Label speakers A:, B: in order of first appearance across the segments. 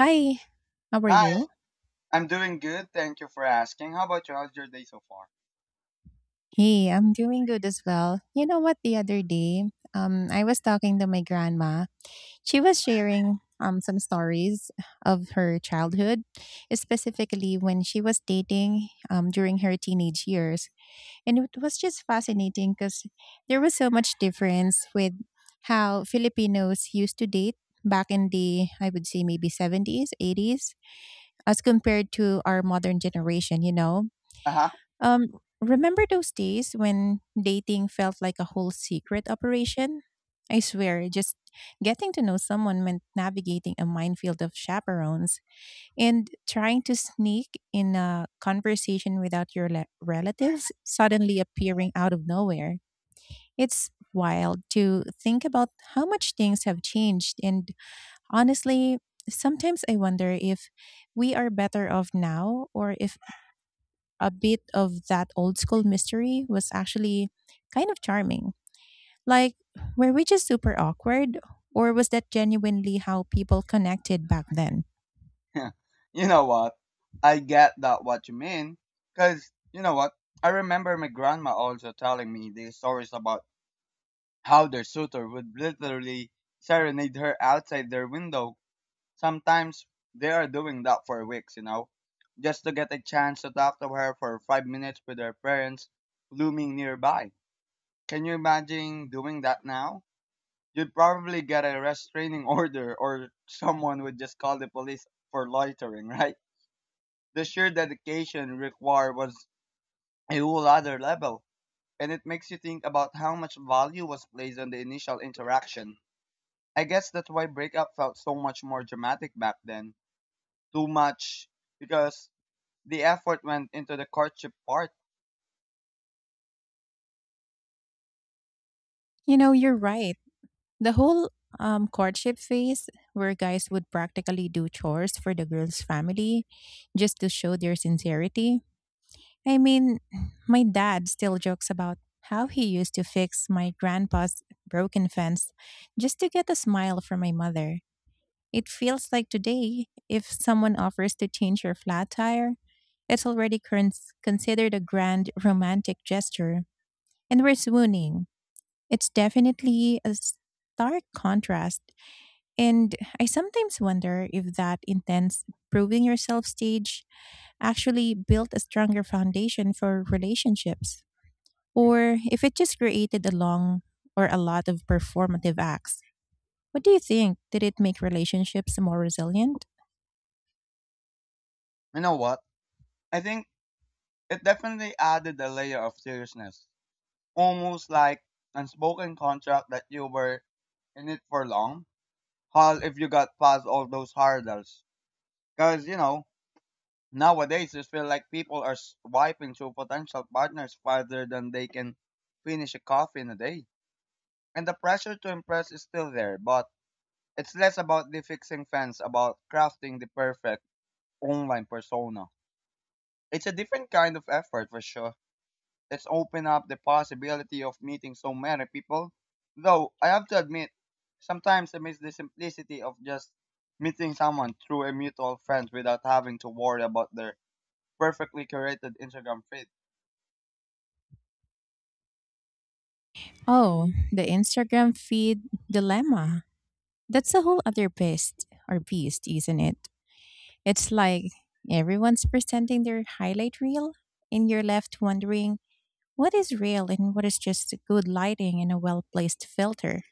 A: Hi, how are
B: Hi,
A: you?
B: I'm doing good. Thank you for asking. How about you? How's your day so far?
A: Hey, I'm doing good as well. You know what? The other day, I was talking to my grandma. She was sharing some stories of her childhood, specifically when she was dating during her teenage years, and it was just fascinating because there was so much difference with how Filipinos used to date back in the, I would say, maybe 70s, 80s, as compared to our modern generation.
B: Uh
A: Um, remember those days when dating felt like a whole secret operation? I swear, just getting to know someone meant navigating a minefield of chaperones and trying to sneak in a conversation without your relatives suddenly appearing out of nowhere. It's wild to think about how much things have changed. And honestly, sometimes I wonder if we are better off now, or if a bit of that old school mystery was actually kind of charming. Like, were we just super awkward, or was that genuinely how people connected back then?
B: huh. You know what? I get that what you mean. Cause you know what? I remember my grandma also telling me these stories about how their suitor would literally serenade her outside their window. Sometimes they are doing that for weeks, you know, just to get a chance to talk to her for 5 minutes with her parents looming nearby. Can you imagine doing that now? You'd probably get a restraining order or someone would just call the police for loitering, right? The sheer dedication required was a whole other level, and it makes you think about how much value was placed on the initial interaction. I guess that's why breakup felt so much more dramatic back then. Too much, because the effort went into the courtship part.
A: You know, you're right. The whole courtship phase, where guys would practically do chores for the girl's family just to show their sincerity. I mean, my dad still jokes about how he used to fix my grandpa's broken fence just to get a smile from my mother. It feels like today, if someone offers to change your flat tire, it's already considered a grand romantic gesture, and we're swooning. It's definitely a stark contrast. And I sometimes wonder if that intense proving yourself stage actually built a stronger foundation for relationships, or if it just created a long or a lot of performative acts. What do you think? Did it make relationships more resilient?
B: You know what? I think it definitely added a layer of seriousness, almost like unspoken contract that you were in it for long. How if you got past all those hurdles? Because you know nowadays it feel like people are swiping through potential partners farther than they can finish a coffee in a day, and the pressure to impress is still there. But it's less about the fixing fence, about crafting the perfect online persona. It's a different kind of effort for sure. Let's open up the possibility of meeting so many people. Though I have to admit, sometimes I miss the simplicity of just meeting someone through a mutual friend without having to worry about their perfectly curated Instagram feed.
A: Oh, the Instagram feed dilemma. That's a whole other beast or beast, isn't it? It's like everyone's presenting their highlight reel and you're left wondering what is real and what is just good lighting and a well-placed filter.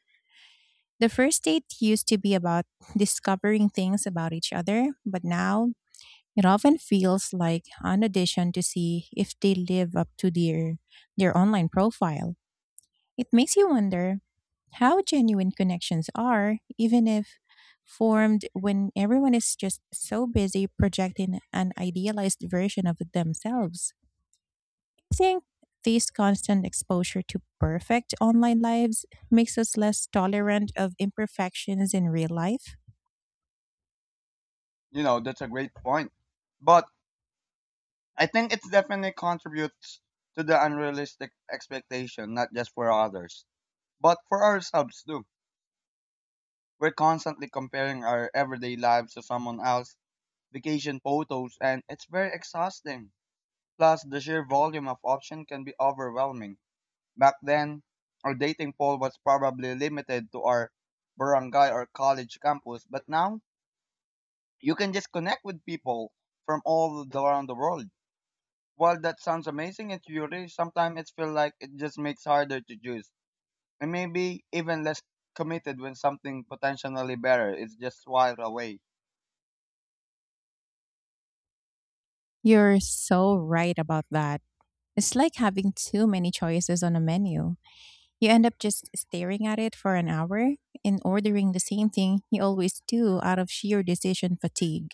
A: The first date used to be about discovering things about each other, but now it often feels like an audition to see if they live up to their online profile. It makes you wonder how genuine connections are, even if formed, when everyone is just so busy projecting an idealized version of themselves. I think this constant exposure to perfect online lives makes us less tolerant of imperfections in real life.
B: You know, that's a great point. But I think it definitely contributes to the unrealistic expectation, not just for others, but for ourselves too. We're constantly comparing our everyday lives to someone else, vacation photos, and it's very exhausting. Plus, the sheer volume of options can be overwhelming. Back then, our dating pool was probably limited to our barangay or college campus, but now you can just connect with people from around the world. While that sounds amazing and theory, sometimes it feels like it just makes harder to choose, and maybe even less committed when something potentially better is just a while away.
A: You're so right about that. It's like having too many choices on a menu. You end up just staring at it for an hour and ordering the same thing you always do out of sheer decision fatigue.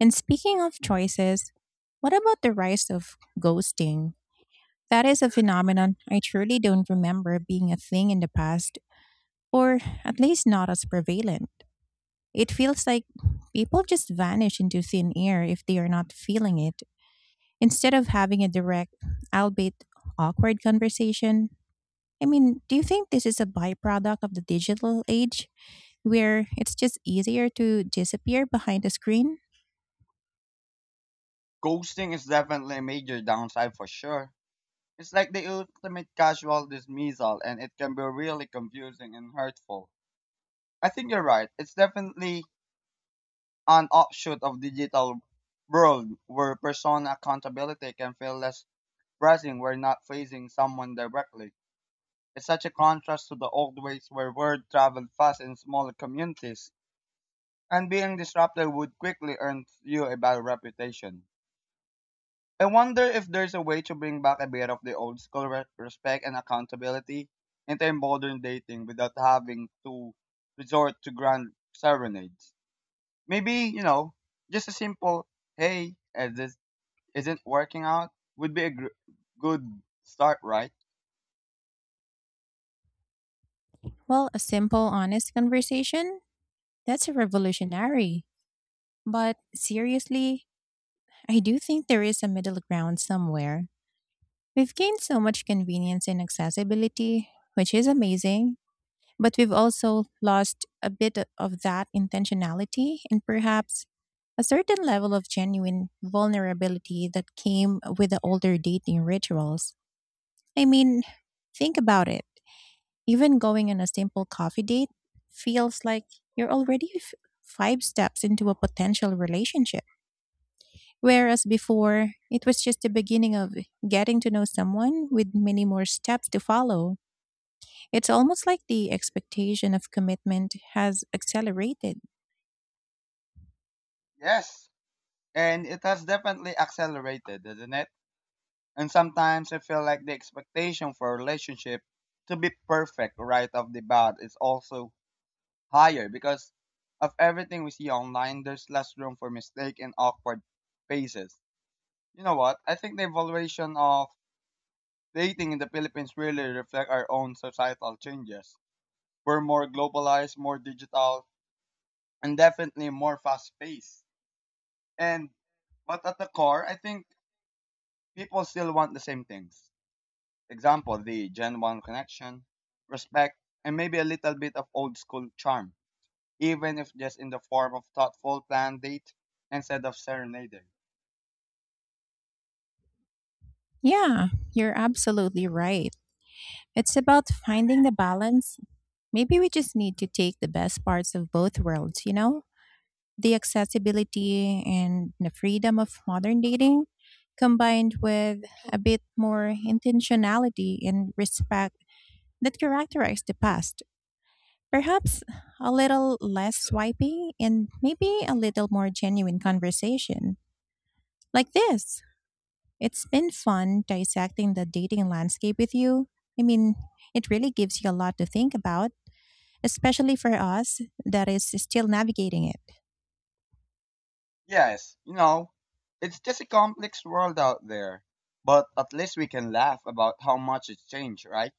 A: And speaking of choices, what about the rise of ghosting? That is a phenomenon I truly don't remember being a thing in the past, or at least not as prevalent. It feels like people just vanish into thin air if they are not feeling it, instead of having a direct, albeit awkward, conversation. I mean, do you think this is a byproduct of the digital age, where it's just easier to disappear behind a screen?
B: Ghosting is definitely a major downside for sure. It's like the ultimate casual dismissal, and it can be really confusing and hurtful. I think you're right. It's definitely an offshoot of digital world where persona accountability can feel less pressing. We're not facing someone directly. It's such a contrast to the old ways where word traveled fast in smaller communities, and being disrupted would quickly earn you a bad reputation. I wonder if there's a way to bring back a bit of the old school respect and accountability into modern dating without having to resort to grand serenades. Maybe, you know, just a simple, hey, this isn't working out would be a good start, right?
A: Well, a simple, honest conversation? That's a revolutionary. But seriously, I do think there is a middle ground somewhere. We've gained so much convenience and accessibility, which is amazing, but we've also lost a bit of that intentionality and perhaps a certain level of genuine vulnerability that came with the older dating rituals. I mean, think about it. Even going on a simple coffee date feels like you're already five steps into a potential relationship. Whereas before, it was just the beginning of getting to know someone, with many more steps to follow. It's almost like the expectation of commitment has accelerated.
B: Yes. And it has definitely accelerated, isn't it? And sometimes I feel like the expectation for a relationship to be perfect right off the bat is also higher because of everything we see online, there's less room for mistake and awkward faces. You know what? I think the evaluation of dating in the Philippines really reflect our own societal changes. We're more globalized, more digital, and definitely more fast paced. And but at the core, I think people still want the same things. Example, the Gen 1 connection, respect, and maybe a little bit of old school charm, even if just in the form of thoughtful planned date instead of serenading.
A: Yeah, you're absolutely right. It's about finding the balance. Maybe we just need to take the best parts of both worlds, you know? The accessibility and the freedom of modern dating, combined with a bit more intentionality and respect that characterized the past. Perhaps a little less swiping and maybe a little more genuine conversation, like this. It's been fun dissecting the dating landscape with you. I mean, it really gives you a lot to think about, especially for us that is still navigating it.
B: Yes, you know, it's just a complex world out there, but at least we can laugh about how much it's changed, right?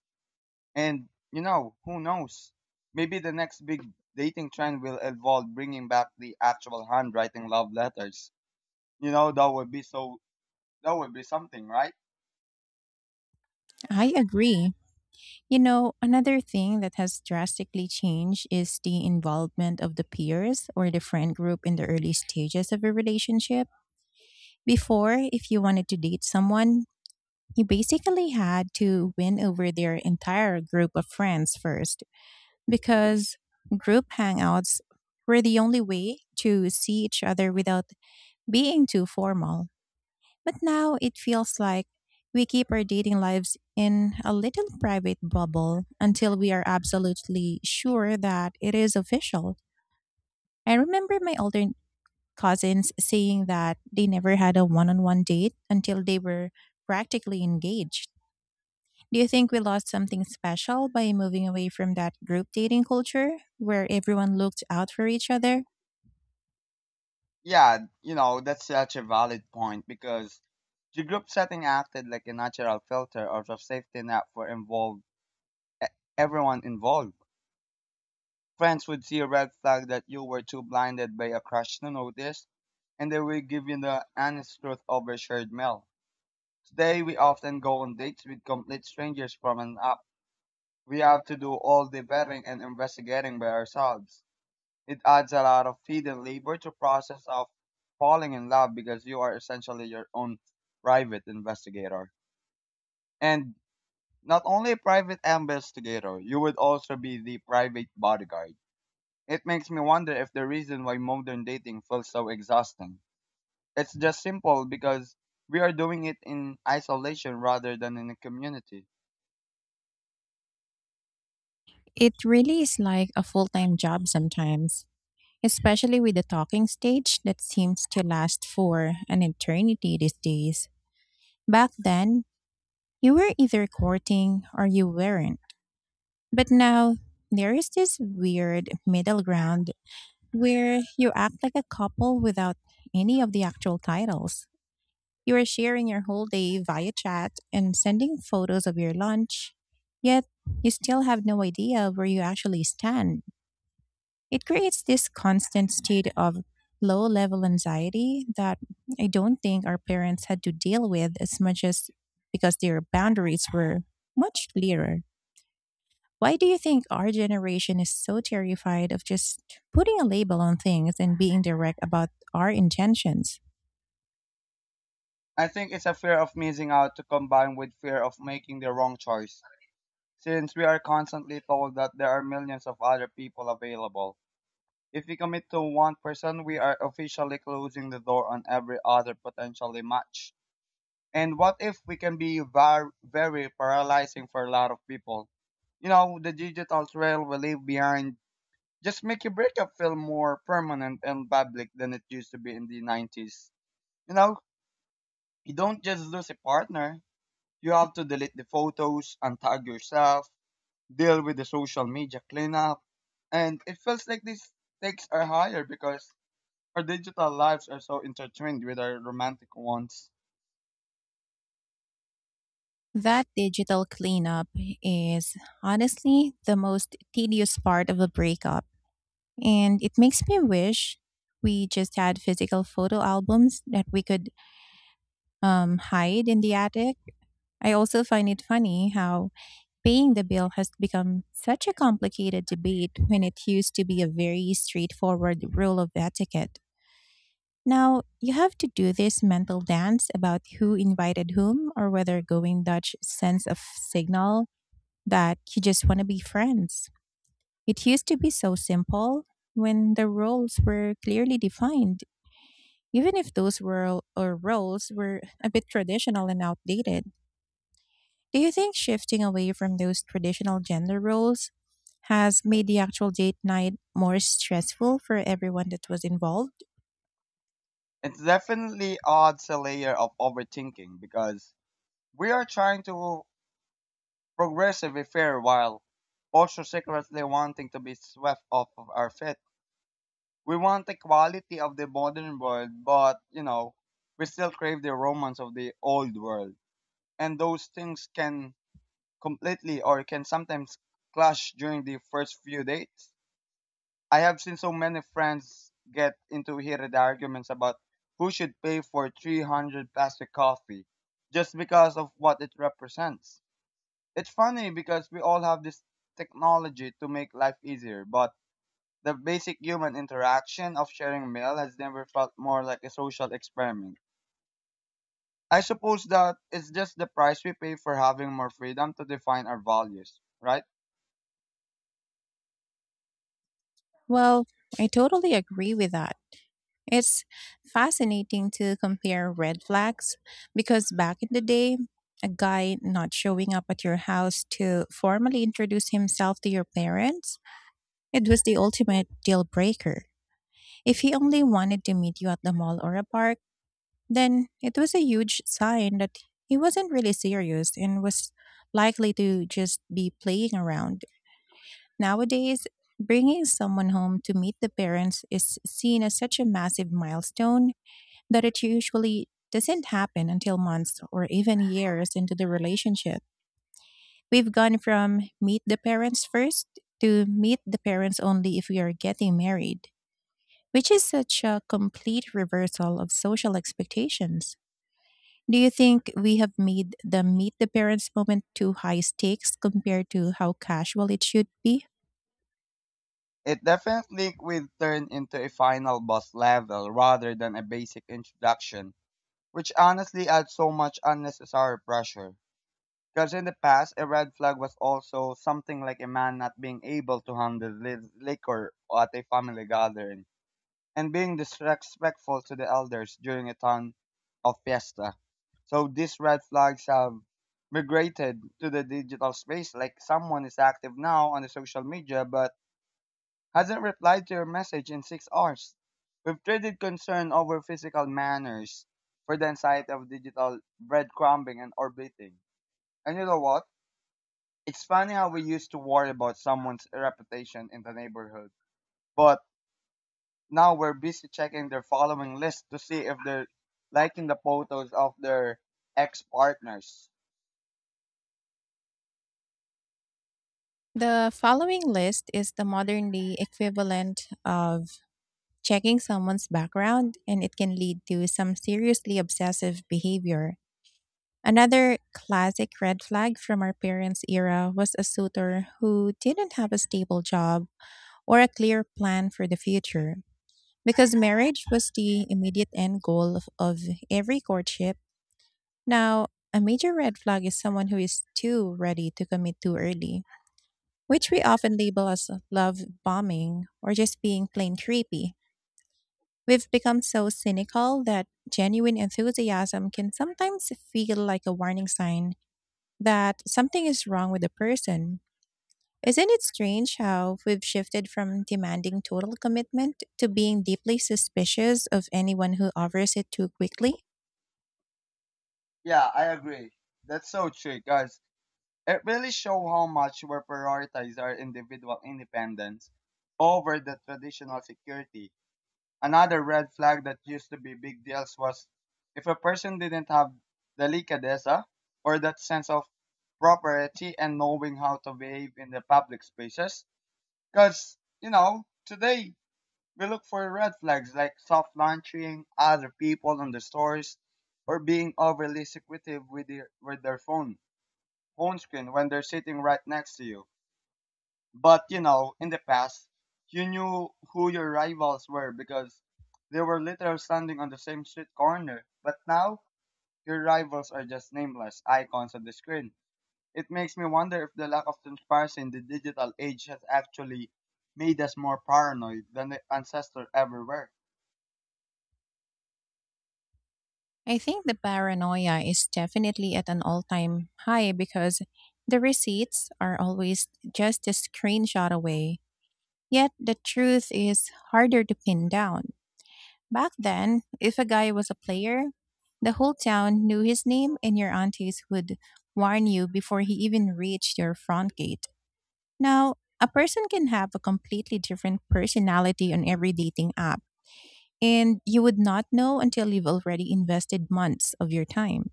B: And, you know, who knows? Maybe the next big dating trend will involve bringing back the actual handwriting love letters. You know, that would be something, right?
A: I agree. You know, another thing that has drastically changed is the involvement of the peers or the friend group in the early stages of a relationship. Before, if you wanted to date someone, you basically had to win over their entire group of friends first, because group hangouts were the only way to see each other without being too formal. But now it feels like we keep our dating lives in a little private bubble until we are absolutely sure that it is official. I remember my older cousins saying that they never had a one on one date until they were practically engaged. Do you think we lost something special by moving away from that group dating culture, where everyone looked out for each other?
B: Yeah, you know, that's such a valid point because the group setting acted like a natural filter or a safety net for e- everyone involved. Friends would see a red flag that you were too blinded by a crush to notice, and they would give you the honest truth over shared meal. Today, we often go on dates with complete strangers from an app. We have to do all the vetting and investigating by ourselves. It adds a lot of hidden labor to process of falling in love because you are essentially your own private investigator. And not only a private investigator, you would also be the private bodyguard. It makes me wonder if the reason why modern dating feels so exhausting. It's just simple because we are doing it in isolation rather than in a community.
A: It really is like a full time job sometimes, especially with the talking stage that seems to last for an eternity these days. Back then, you were either courting or you weren't. But now, there is this weird middle ground where you act like a couple without any of the actual titles. You are sharing your whole day via chat and sending photos of your lunch, yet you still have no idea where you actually stand. It creates this constant state of low level anxiety that I don't think our parents had to deal with as much, as because their boundaries were much clearer. Why do you think our generation is so terrified of just putting a label on things and being direct about our intentions?
B: I think it's a fear of missing out to combine with fear of making the wrong choice, since we are constantly told that there are millions of other people available. If we commit to one person, we are officially closing the door on every other potentially match. And what if we can be very paralyzing for a lot of people? You know, the digital trail we leave behind just make your breakup feel more permanent and public than it used to be in the 90s. You know, you don't just lose a partner, you have to delete the photos, untag yourself, deal with the social media cleanup, and it feels like these stakes are higher because our digital lives are so intertwined with our romantic ones.
A: That digital cleanup is honestly the most tedious part of a breakup, and it makes me wish we just had physical photo albums that we could hide in the attic. I also find it funny how paying the bill has become such a complicated debate when it used to be a very straightforward rule of etiquette. Now, you have to do this mental dance about who invited whom, or whether going Dutch sends of signal that you just want to be friends. It used to be so simple when the roles were clearly defined, even if those roles were a bit traditional and outdated. Do you think shifting away from those traditional gender roles has made the actual date night more stressful for everyone that was involved?
B: It definitely adds a layer of overthinking because we are trying to progressively fair while also secretly wanting to be swept off of our feet. We want the quality of the modern world, but you know, we still crave the romance of the old world. And those things can completely or can sometimes clash during the first few dates. I have seen so many friends get into heated arguments about who should pay for 300 plastic coffee just because of what it represents. It's funny because we all have this technology to make life easier, but the basic human interaction of sharing a meal has never felt more like a social experiment. I suppose that it's just the price we pay for having more freedom to define our values, right?
A: Well, I totally agree with that. It's fascinating to compare red flags, because back in the day, a guy not showing up at your house to formally introduce himself to your parents, it was the ultimate deal breaker. If he only wanted to meet you at the mall or a park, then it was a huge sign that he wasn't really serious and was likely to just be playing around. Nowadays, bringing someone home to meet the parents is seen as such a massive milestone that it usually doesn't happen until months or even years into the relationship. We've gone from meet the parents first to meet the parents only if we are getting married, which is such a complete reversal of social expectations. Do you think we have made the meet the parents moment too high stakes compared to how casual it should be?
B: It definitely will turn into a final boss level rather than a basic introduction, which honestly adds so much unnecessary pressure. Because in the past, a red flag was also something like a man not being able to handle liquor at a family gathering and being disrespectful to the elders during a town of fiesta. So these red flags have migrated to the digital space, like someone is active now on the social media but hasn't replied to your message in 6 hours. We've traded concern over physical manners for the anxiety of digital breadcrumbing and orbiting. And you know what? It's funny how we used to worry about someone's reputation in the neighborhood, but now we're busy checking their following list to see if they're liking the photos of their ex partners.
A: The following list is the modern day equivalent of checking someone's background, and it can lead to some seriously obsessive behavior. Another classic red flag from our parents' era was a suitor who didn't have a stable job or a clear plan for the future. Because marriage was the immediate end goal of every courtship, now a major red flag is someone who is too ready to commit too early, which we often label as love bombing or just being plain creepy. We've become so cynical that genuine enthusiasm can sometimes feel like a warning sign that something is wrong with the person. Isn't it strange how we've shifted from demanding total commitment to being deeply suspicious of anyone who offers it too quickly?
B: Yeah, I agree. That's so true, guys. It really shows how much we prioritize our individual independence over the traditional security. Another red flag that used to be big deals was if a person didn't have delicadeza, or that sense of propriety and knowing how to behave in the public spaces. Because, you know, today we look for red flags like soft launching other people in the stores or being overly secretive with with their phone screen when they're sitting right next to you. But you know, in the past, you knew who your rivals were because they were literally standing on the same street corner. But now, your rivals are just nameless icons on the screen. It makes me wonder if the lack of transparency in the digital age has actually made us more paranoid than the ancestors ever were.
A: I think the paranoia is definitely at an all time high, because the receipts are always just a screenshot away. Yet the truth is harder to pin down. Back then, if a guy was a player, the whole town knew his name and your aunties would warn you before he even reached your front gate. Now, a person can have a completely different personality on every dating app, and you would not know until you've already invested months of your time.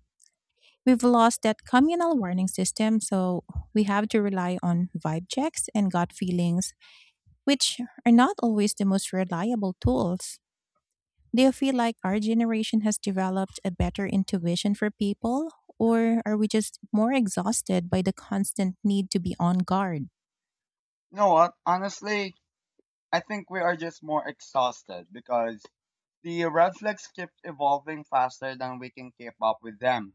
A: We've lost that communal warning system, so we have to rely on vibe checks and gut feelings, which are not always the most reliable tools. Do you feel like our generation has developed a better intuition for people, or are we just more exhausted by the constant need to be on guard?
B: You know what? Honestly, I think we are just more exhausted because the red flags keep evolving faster than we can keep up with them.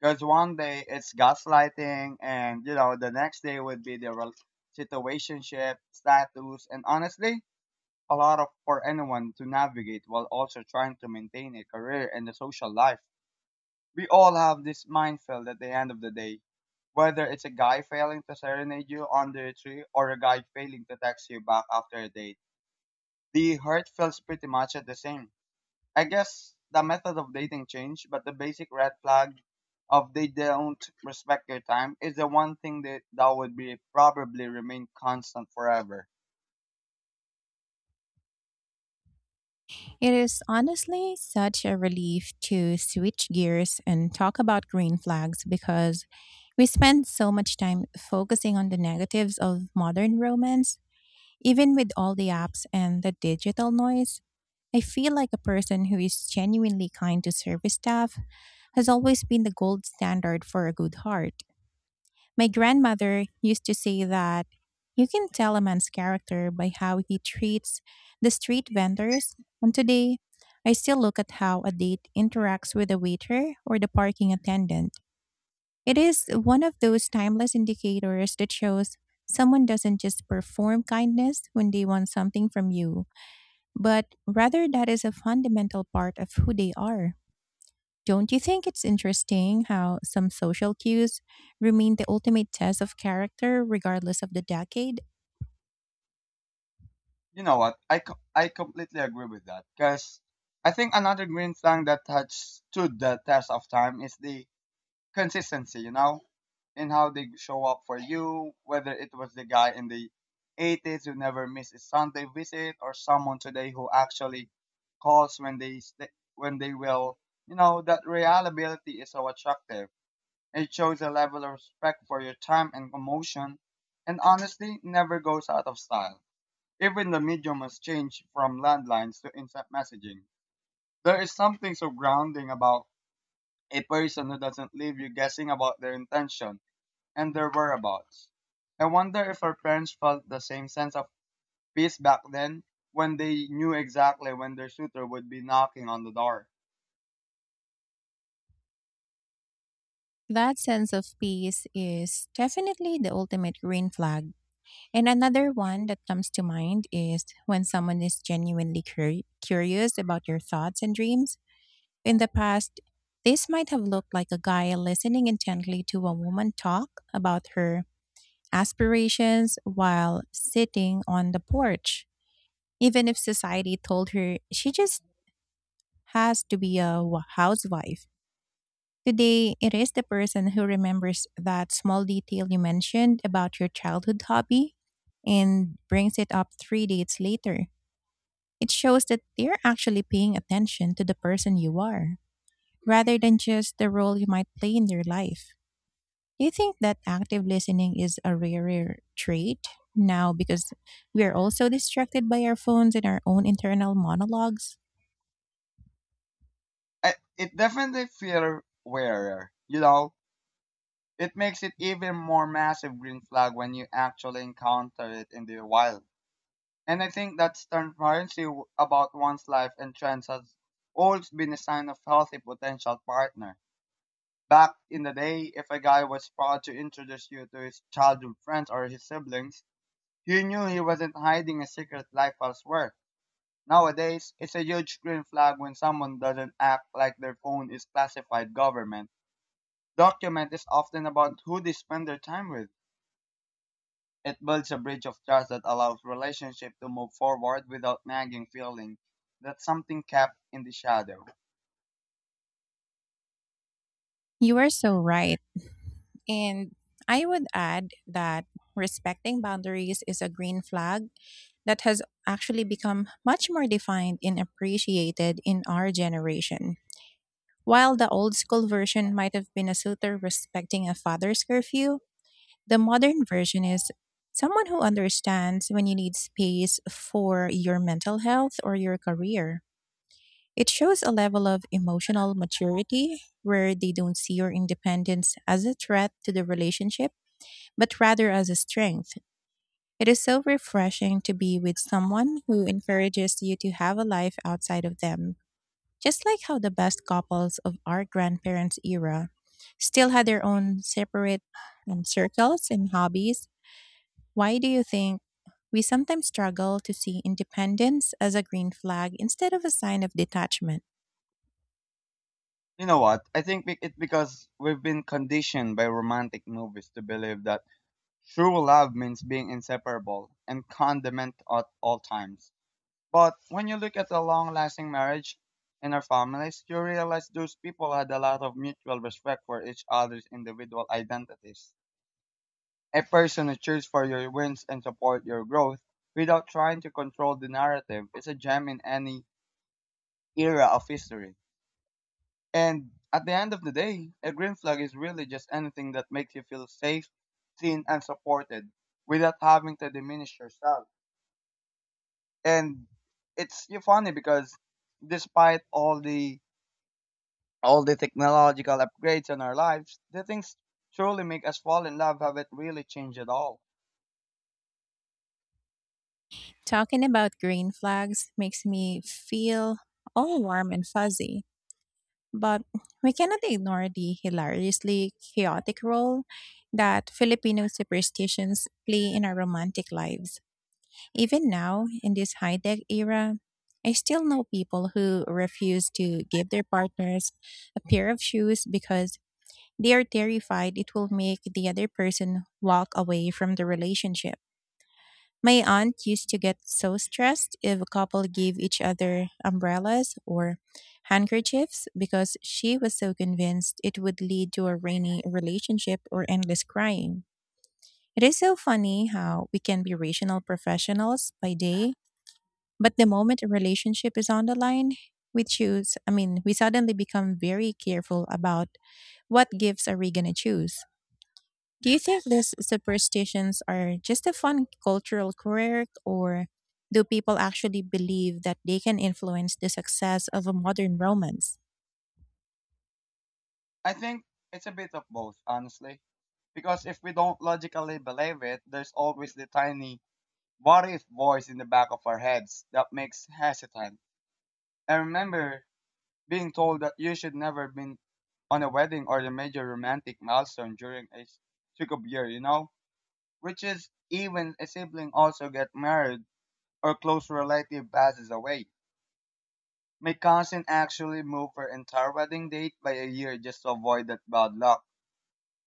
B: Because one day it's gaslighting, and you know the next day would be the situationship status, and honestly, a lot of for anyone to navigate while also trying to maintain a career and a social life. We all have this minefield at the end of the day, whether it's a guy failing to serenade you under a tree or a guy failing to text you back after a date. The hurt feels pretty much at the same. I guess the method of dating changed, but the basic red flag of they don't respect your time is the one thing that would be probably remain constant forever.
A: It is honestly such a relief to switch gears and talk about green flags, because we spend so much time focusing on the negatives of modern romance. Even with all the apps and the digital noise, I feel like a person who is genuinely kind to service staff has always been the gold standard for a good heart. My grandmother used to say that you can tell a man's character by how he treats the street vendors, and today I still look at how a date interacts with a waiter or the parking attendant. It is one of those timeless indicators that shows someone doesn't just perform kindness when they want something from you, but rather that is a fundamental part of who they are. Don't you think it's interesting how some social cues remain the ultimate test of character regardless of the decade?
B: You know what? I completely agree with that because I think another green flag that has stood the test of time is the consistency. You know, and how they show up for you, whether it was the guy in the 80s who never missed a Sunday visit or someone today who actually calls when when they will. You know, that reliability is so attractive. It shows a level of respect for your time and emotion, and honestly never goes out of style. Even the medium has changed from landlines to instant messaging. There is something so grounding about a person who doesn't leave you guessing about their intention and their whereabouts. I wonder if our parents felt the same sense of peace back then, when they knew exactly when their suitor would be knocking on the door.
A: That sense of peace is definitely the ultimate green flag. And another one that comes to mind is when someone is genuinely curious about your thoughts and dreams. In the past, this might have looked like a guy listening intently to a woman talk about her aspirations while sitting on the porch, even if society told her she just has to be a housewife. Today, it is the person who remembers that small detail you mentioned about your childhood hobby and brings it up three dates later. It shows that they're actually paying attention to the person you are, rather than just the role you might play in their life. Do you think that active listening is a rarer trait now because we are also distracted by our phones and our own internal monologues?
B: It definitely feels rarer, you know. It makes it even more massive green flag when you actually encounter it in the wild. And I think that transparency about one's life and trends has always been a sign of healthy potential partner. Back in the day, if a guy was proud to introduce you to his childhood friends or his siblings, you knew he wasn't hiding a secret life elsewhere. Nowadays, it's a huge green flag when someone doesn't act like their phone is classified government. Document is often about who they spend their time with. It builds a bridge of trust that allows relationship to move forward without nagging feeling that something kept in the shadow.
A: You are so right. And I would add that respecting boundaries is a green flag that has actually become much more defined and appreciated in our generation. While the old school version might have been a suitor respecting a father's curfew, the modern version is someone who understands when you need space for your mental health or your career. It shows a level of emotional maturity where they don't see your independence as a threat to the relationship, but rather as a strength. It is so refreshing to be with someone who encourages you to have a life outside of them, just like how the best couples of our grandparents' era still had their own separate circles and hobbies. Why do you think we sometimes struggle to see independence as a green flag instead of a sign of detachment?
B: You know what? I think it's because we've been conditioned by romantic movies to believe that true love means being inseparable and condiment at all times. But when you look at the long lasting marriage in our families, you realize those people had a lot of mutual respect for each other's individual identities. A person who cheers for your wins and support your growth without trying to control the narrative is a gem in any era of history. And at the end of the day, a green flag is really just anything that makes you feel safe, seen, and supported without having to diminish yourself. And it's you funny because despite all the technological upgrades in our lives, the things truly make us fall in love haven't really changed at all.
A: Talking about green flags makes me feel all warm and fuzzy, but we cannot ignore the hilariously chaotic role that Filipino superstitions play in our romantic lives. Even now, in this high tech era, I still know people who refuse to give their partners a pair of shoes because they are terrified it will make the other person walk away from the relationship. My aunt used to get so stressed if a couple gave each other umbrellas or handkerchiefs, because she was so convinced it would lead to a rainy relationship or endless crying. It is so funny how we can be rational professionals by day, but the moment a relationship is on the line, we choose, I mean, we suddenly become very careful about what gifts are we going to choose. Do you think these superstitions are just a fun cultural quirk, or do people actually believe that they can influence the success of a modern romance?
B: I think it's a bit of both, honestly. Because if we don't logically believe it, there's always the tiny what if voice in the back of our heads that makes hesitant. I remember being told that you should never been on a wedding or a major romantic milestone during a succub year, you know? Which is even a sibling also get married, or close relative passes away. My cousin actually moved her entire wedding date by a year just to avoid that bad luck,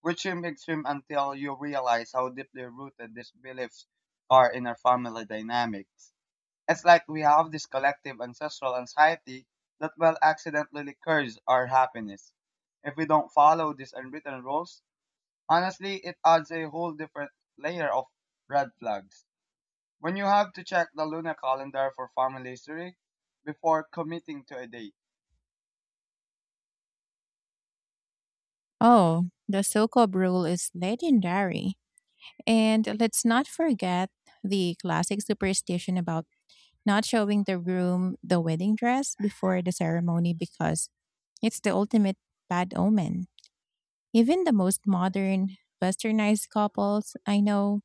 B: which seems extreme until you realize how deeply rooted these beliefs are in our family dynamics. It's like we have this collective ancestral anxiety that will accidentally curse our happiness. If we don't follow these unwritten rules, honestly, it adds a whole different layer of red flags. When you have to check the lunar calendar for family history before committing to a date.
A: Oh, the Sokob rule is legendary. And let's not forget the classic superstition about not showing the groom the wedding dress before the ceremony, because it's the ultimate bad omen. Even the most modern, westernized couples I know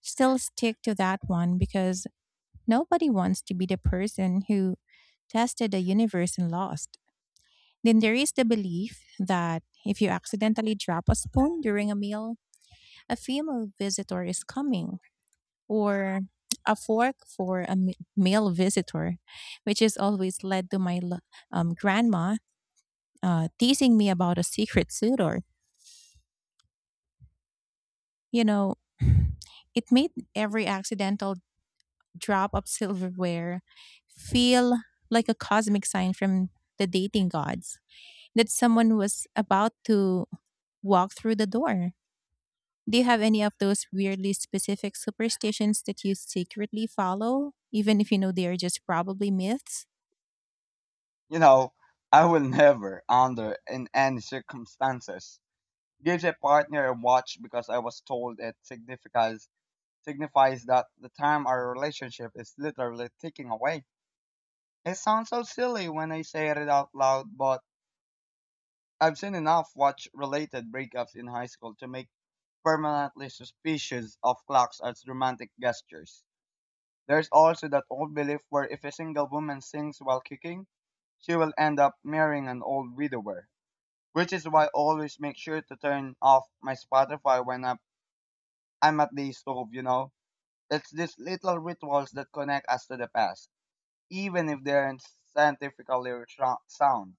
A: still stick to that one, because nobody wants to be the person who tested the universe and lost. Then there is the belief that if you accidentally drop a spoon during a meal, a female visitor is coming, or a fork for a m- male visitor, which has always led to my grandma teasing me about a secret suitor. You know, it made every accidental drop of silverware feel like a cosmic sign from the dating gods that someone was about to walk through the door. Do you have any of those weirdly specific superstitions that you secretly follow, even if you know they are just probably myths?
B: You know, I will never, under in any circumstances, give a partner a watch because I was told it signifies that the time our relationship is literally ticking away. It sounds so silly when I say it out loud, but I've seen enough watch-related breakups in high school to make permanently suspicious of clocks as romantic gestures. There's also that old belief where if a single woman sings while kicking, she will end up marrying an old widower. Which is why I always make sure to turn off my Spotify when I'm at the stove, you know? It's these little rituals that connect us to the past, even if they aren't scientifically sound.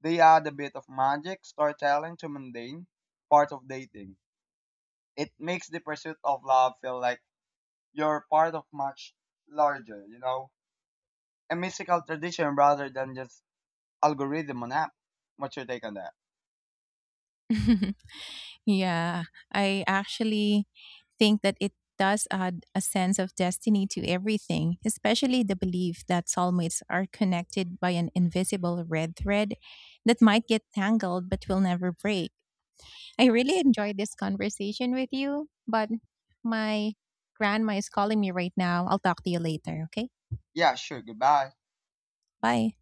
B: They add a bit of magic, storytelling to mundane part of dating. It makes the pursuit of love feel like you're part of much larger, you know? A mystical tradition rather than just algorithm on app. What's your take on that?
A: Yeah, I actually think that it does add a sense of destiny to everything, especially the belief that soulmates are connected by an invisible red thread that might get tangled but will never break. I really enjoyed this conversation with you, but my grandma is calling me right now. I'll talk to you later, okay?
B: Yeah, sure, goodbye.
A: Bye.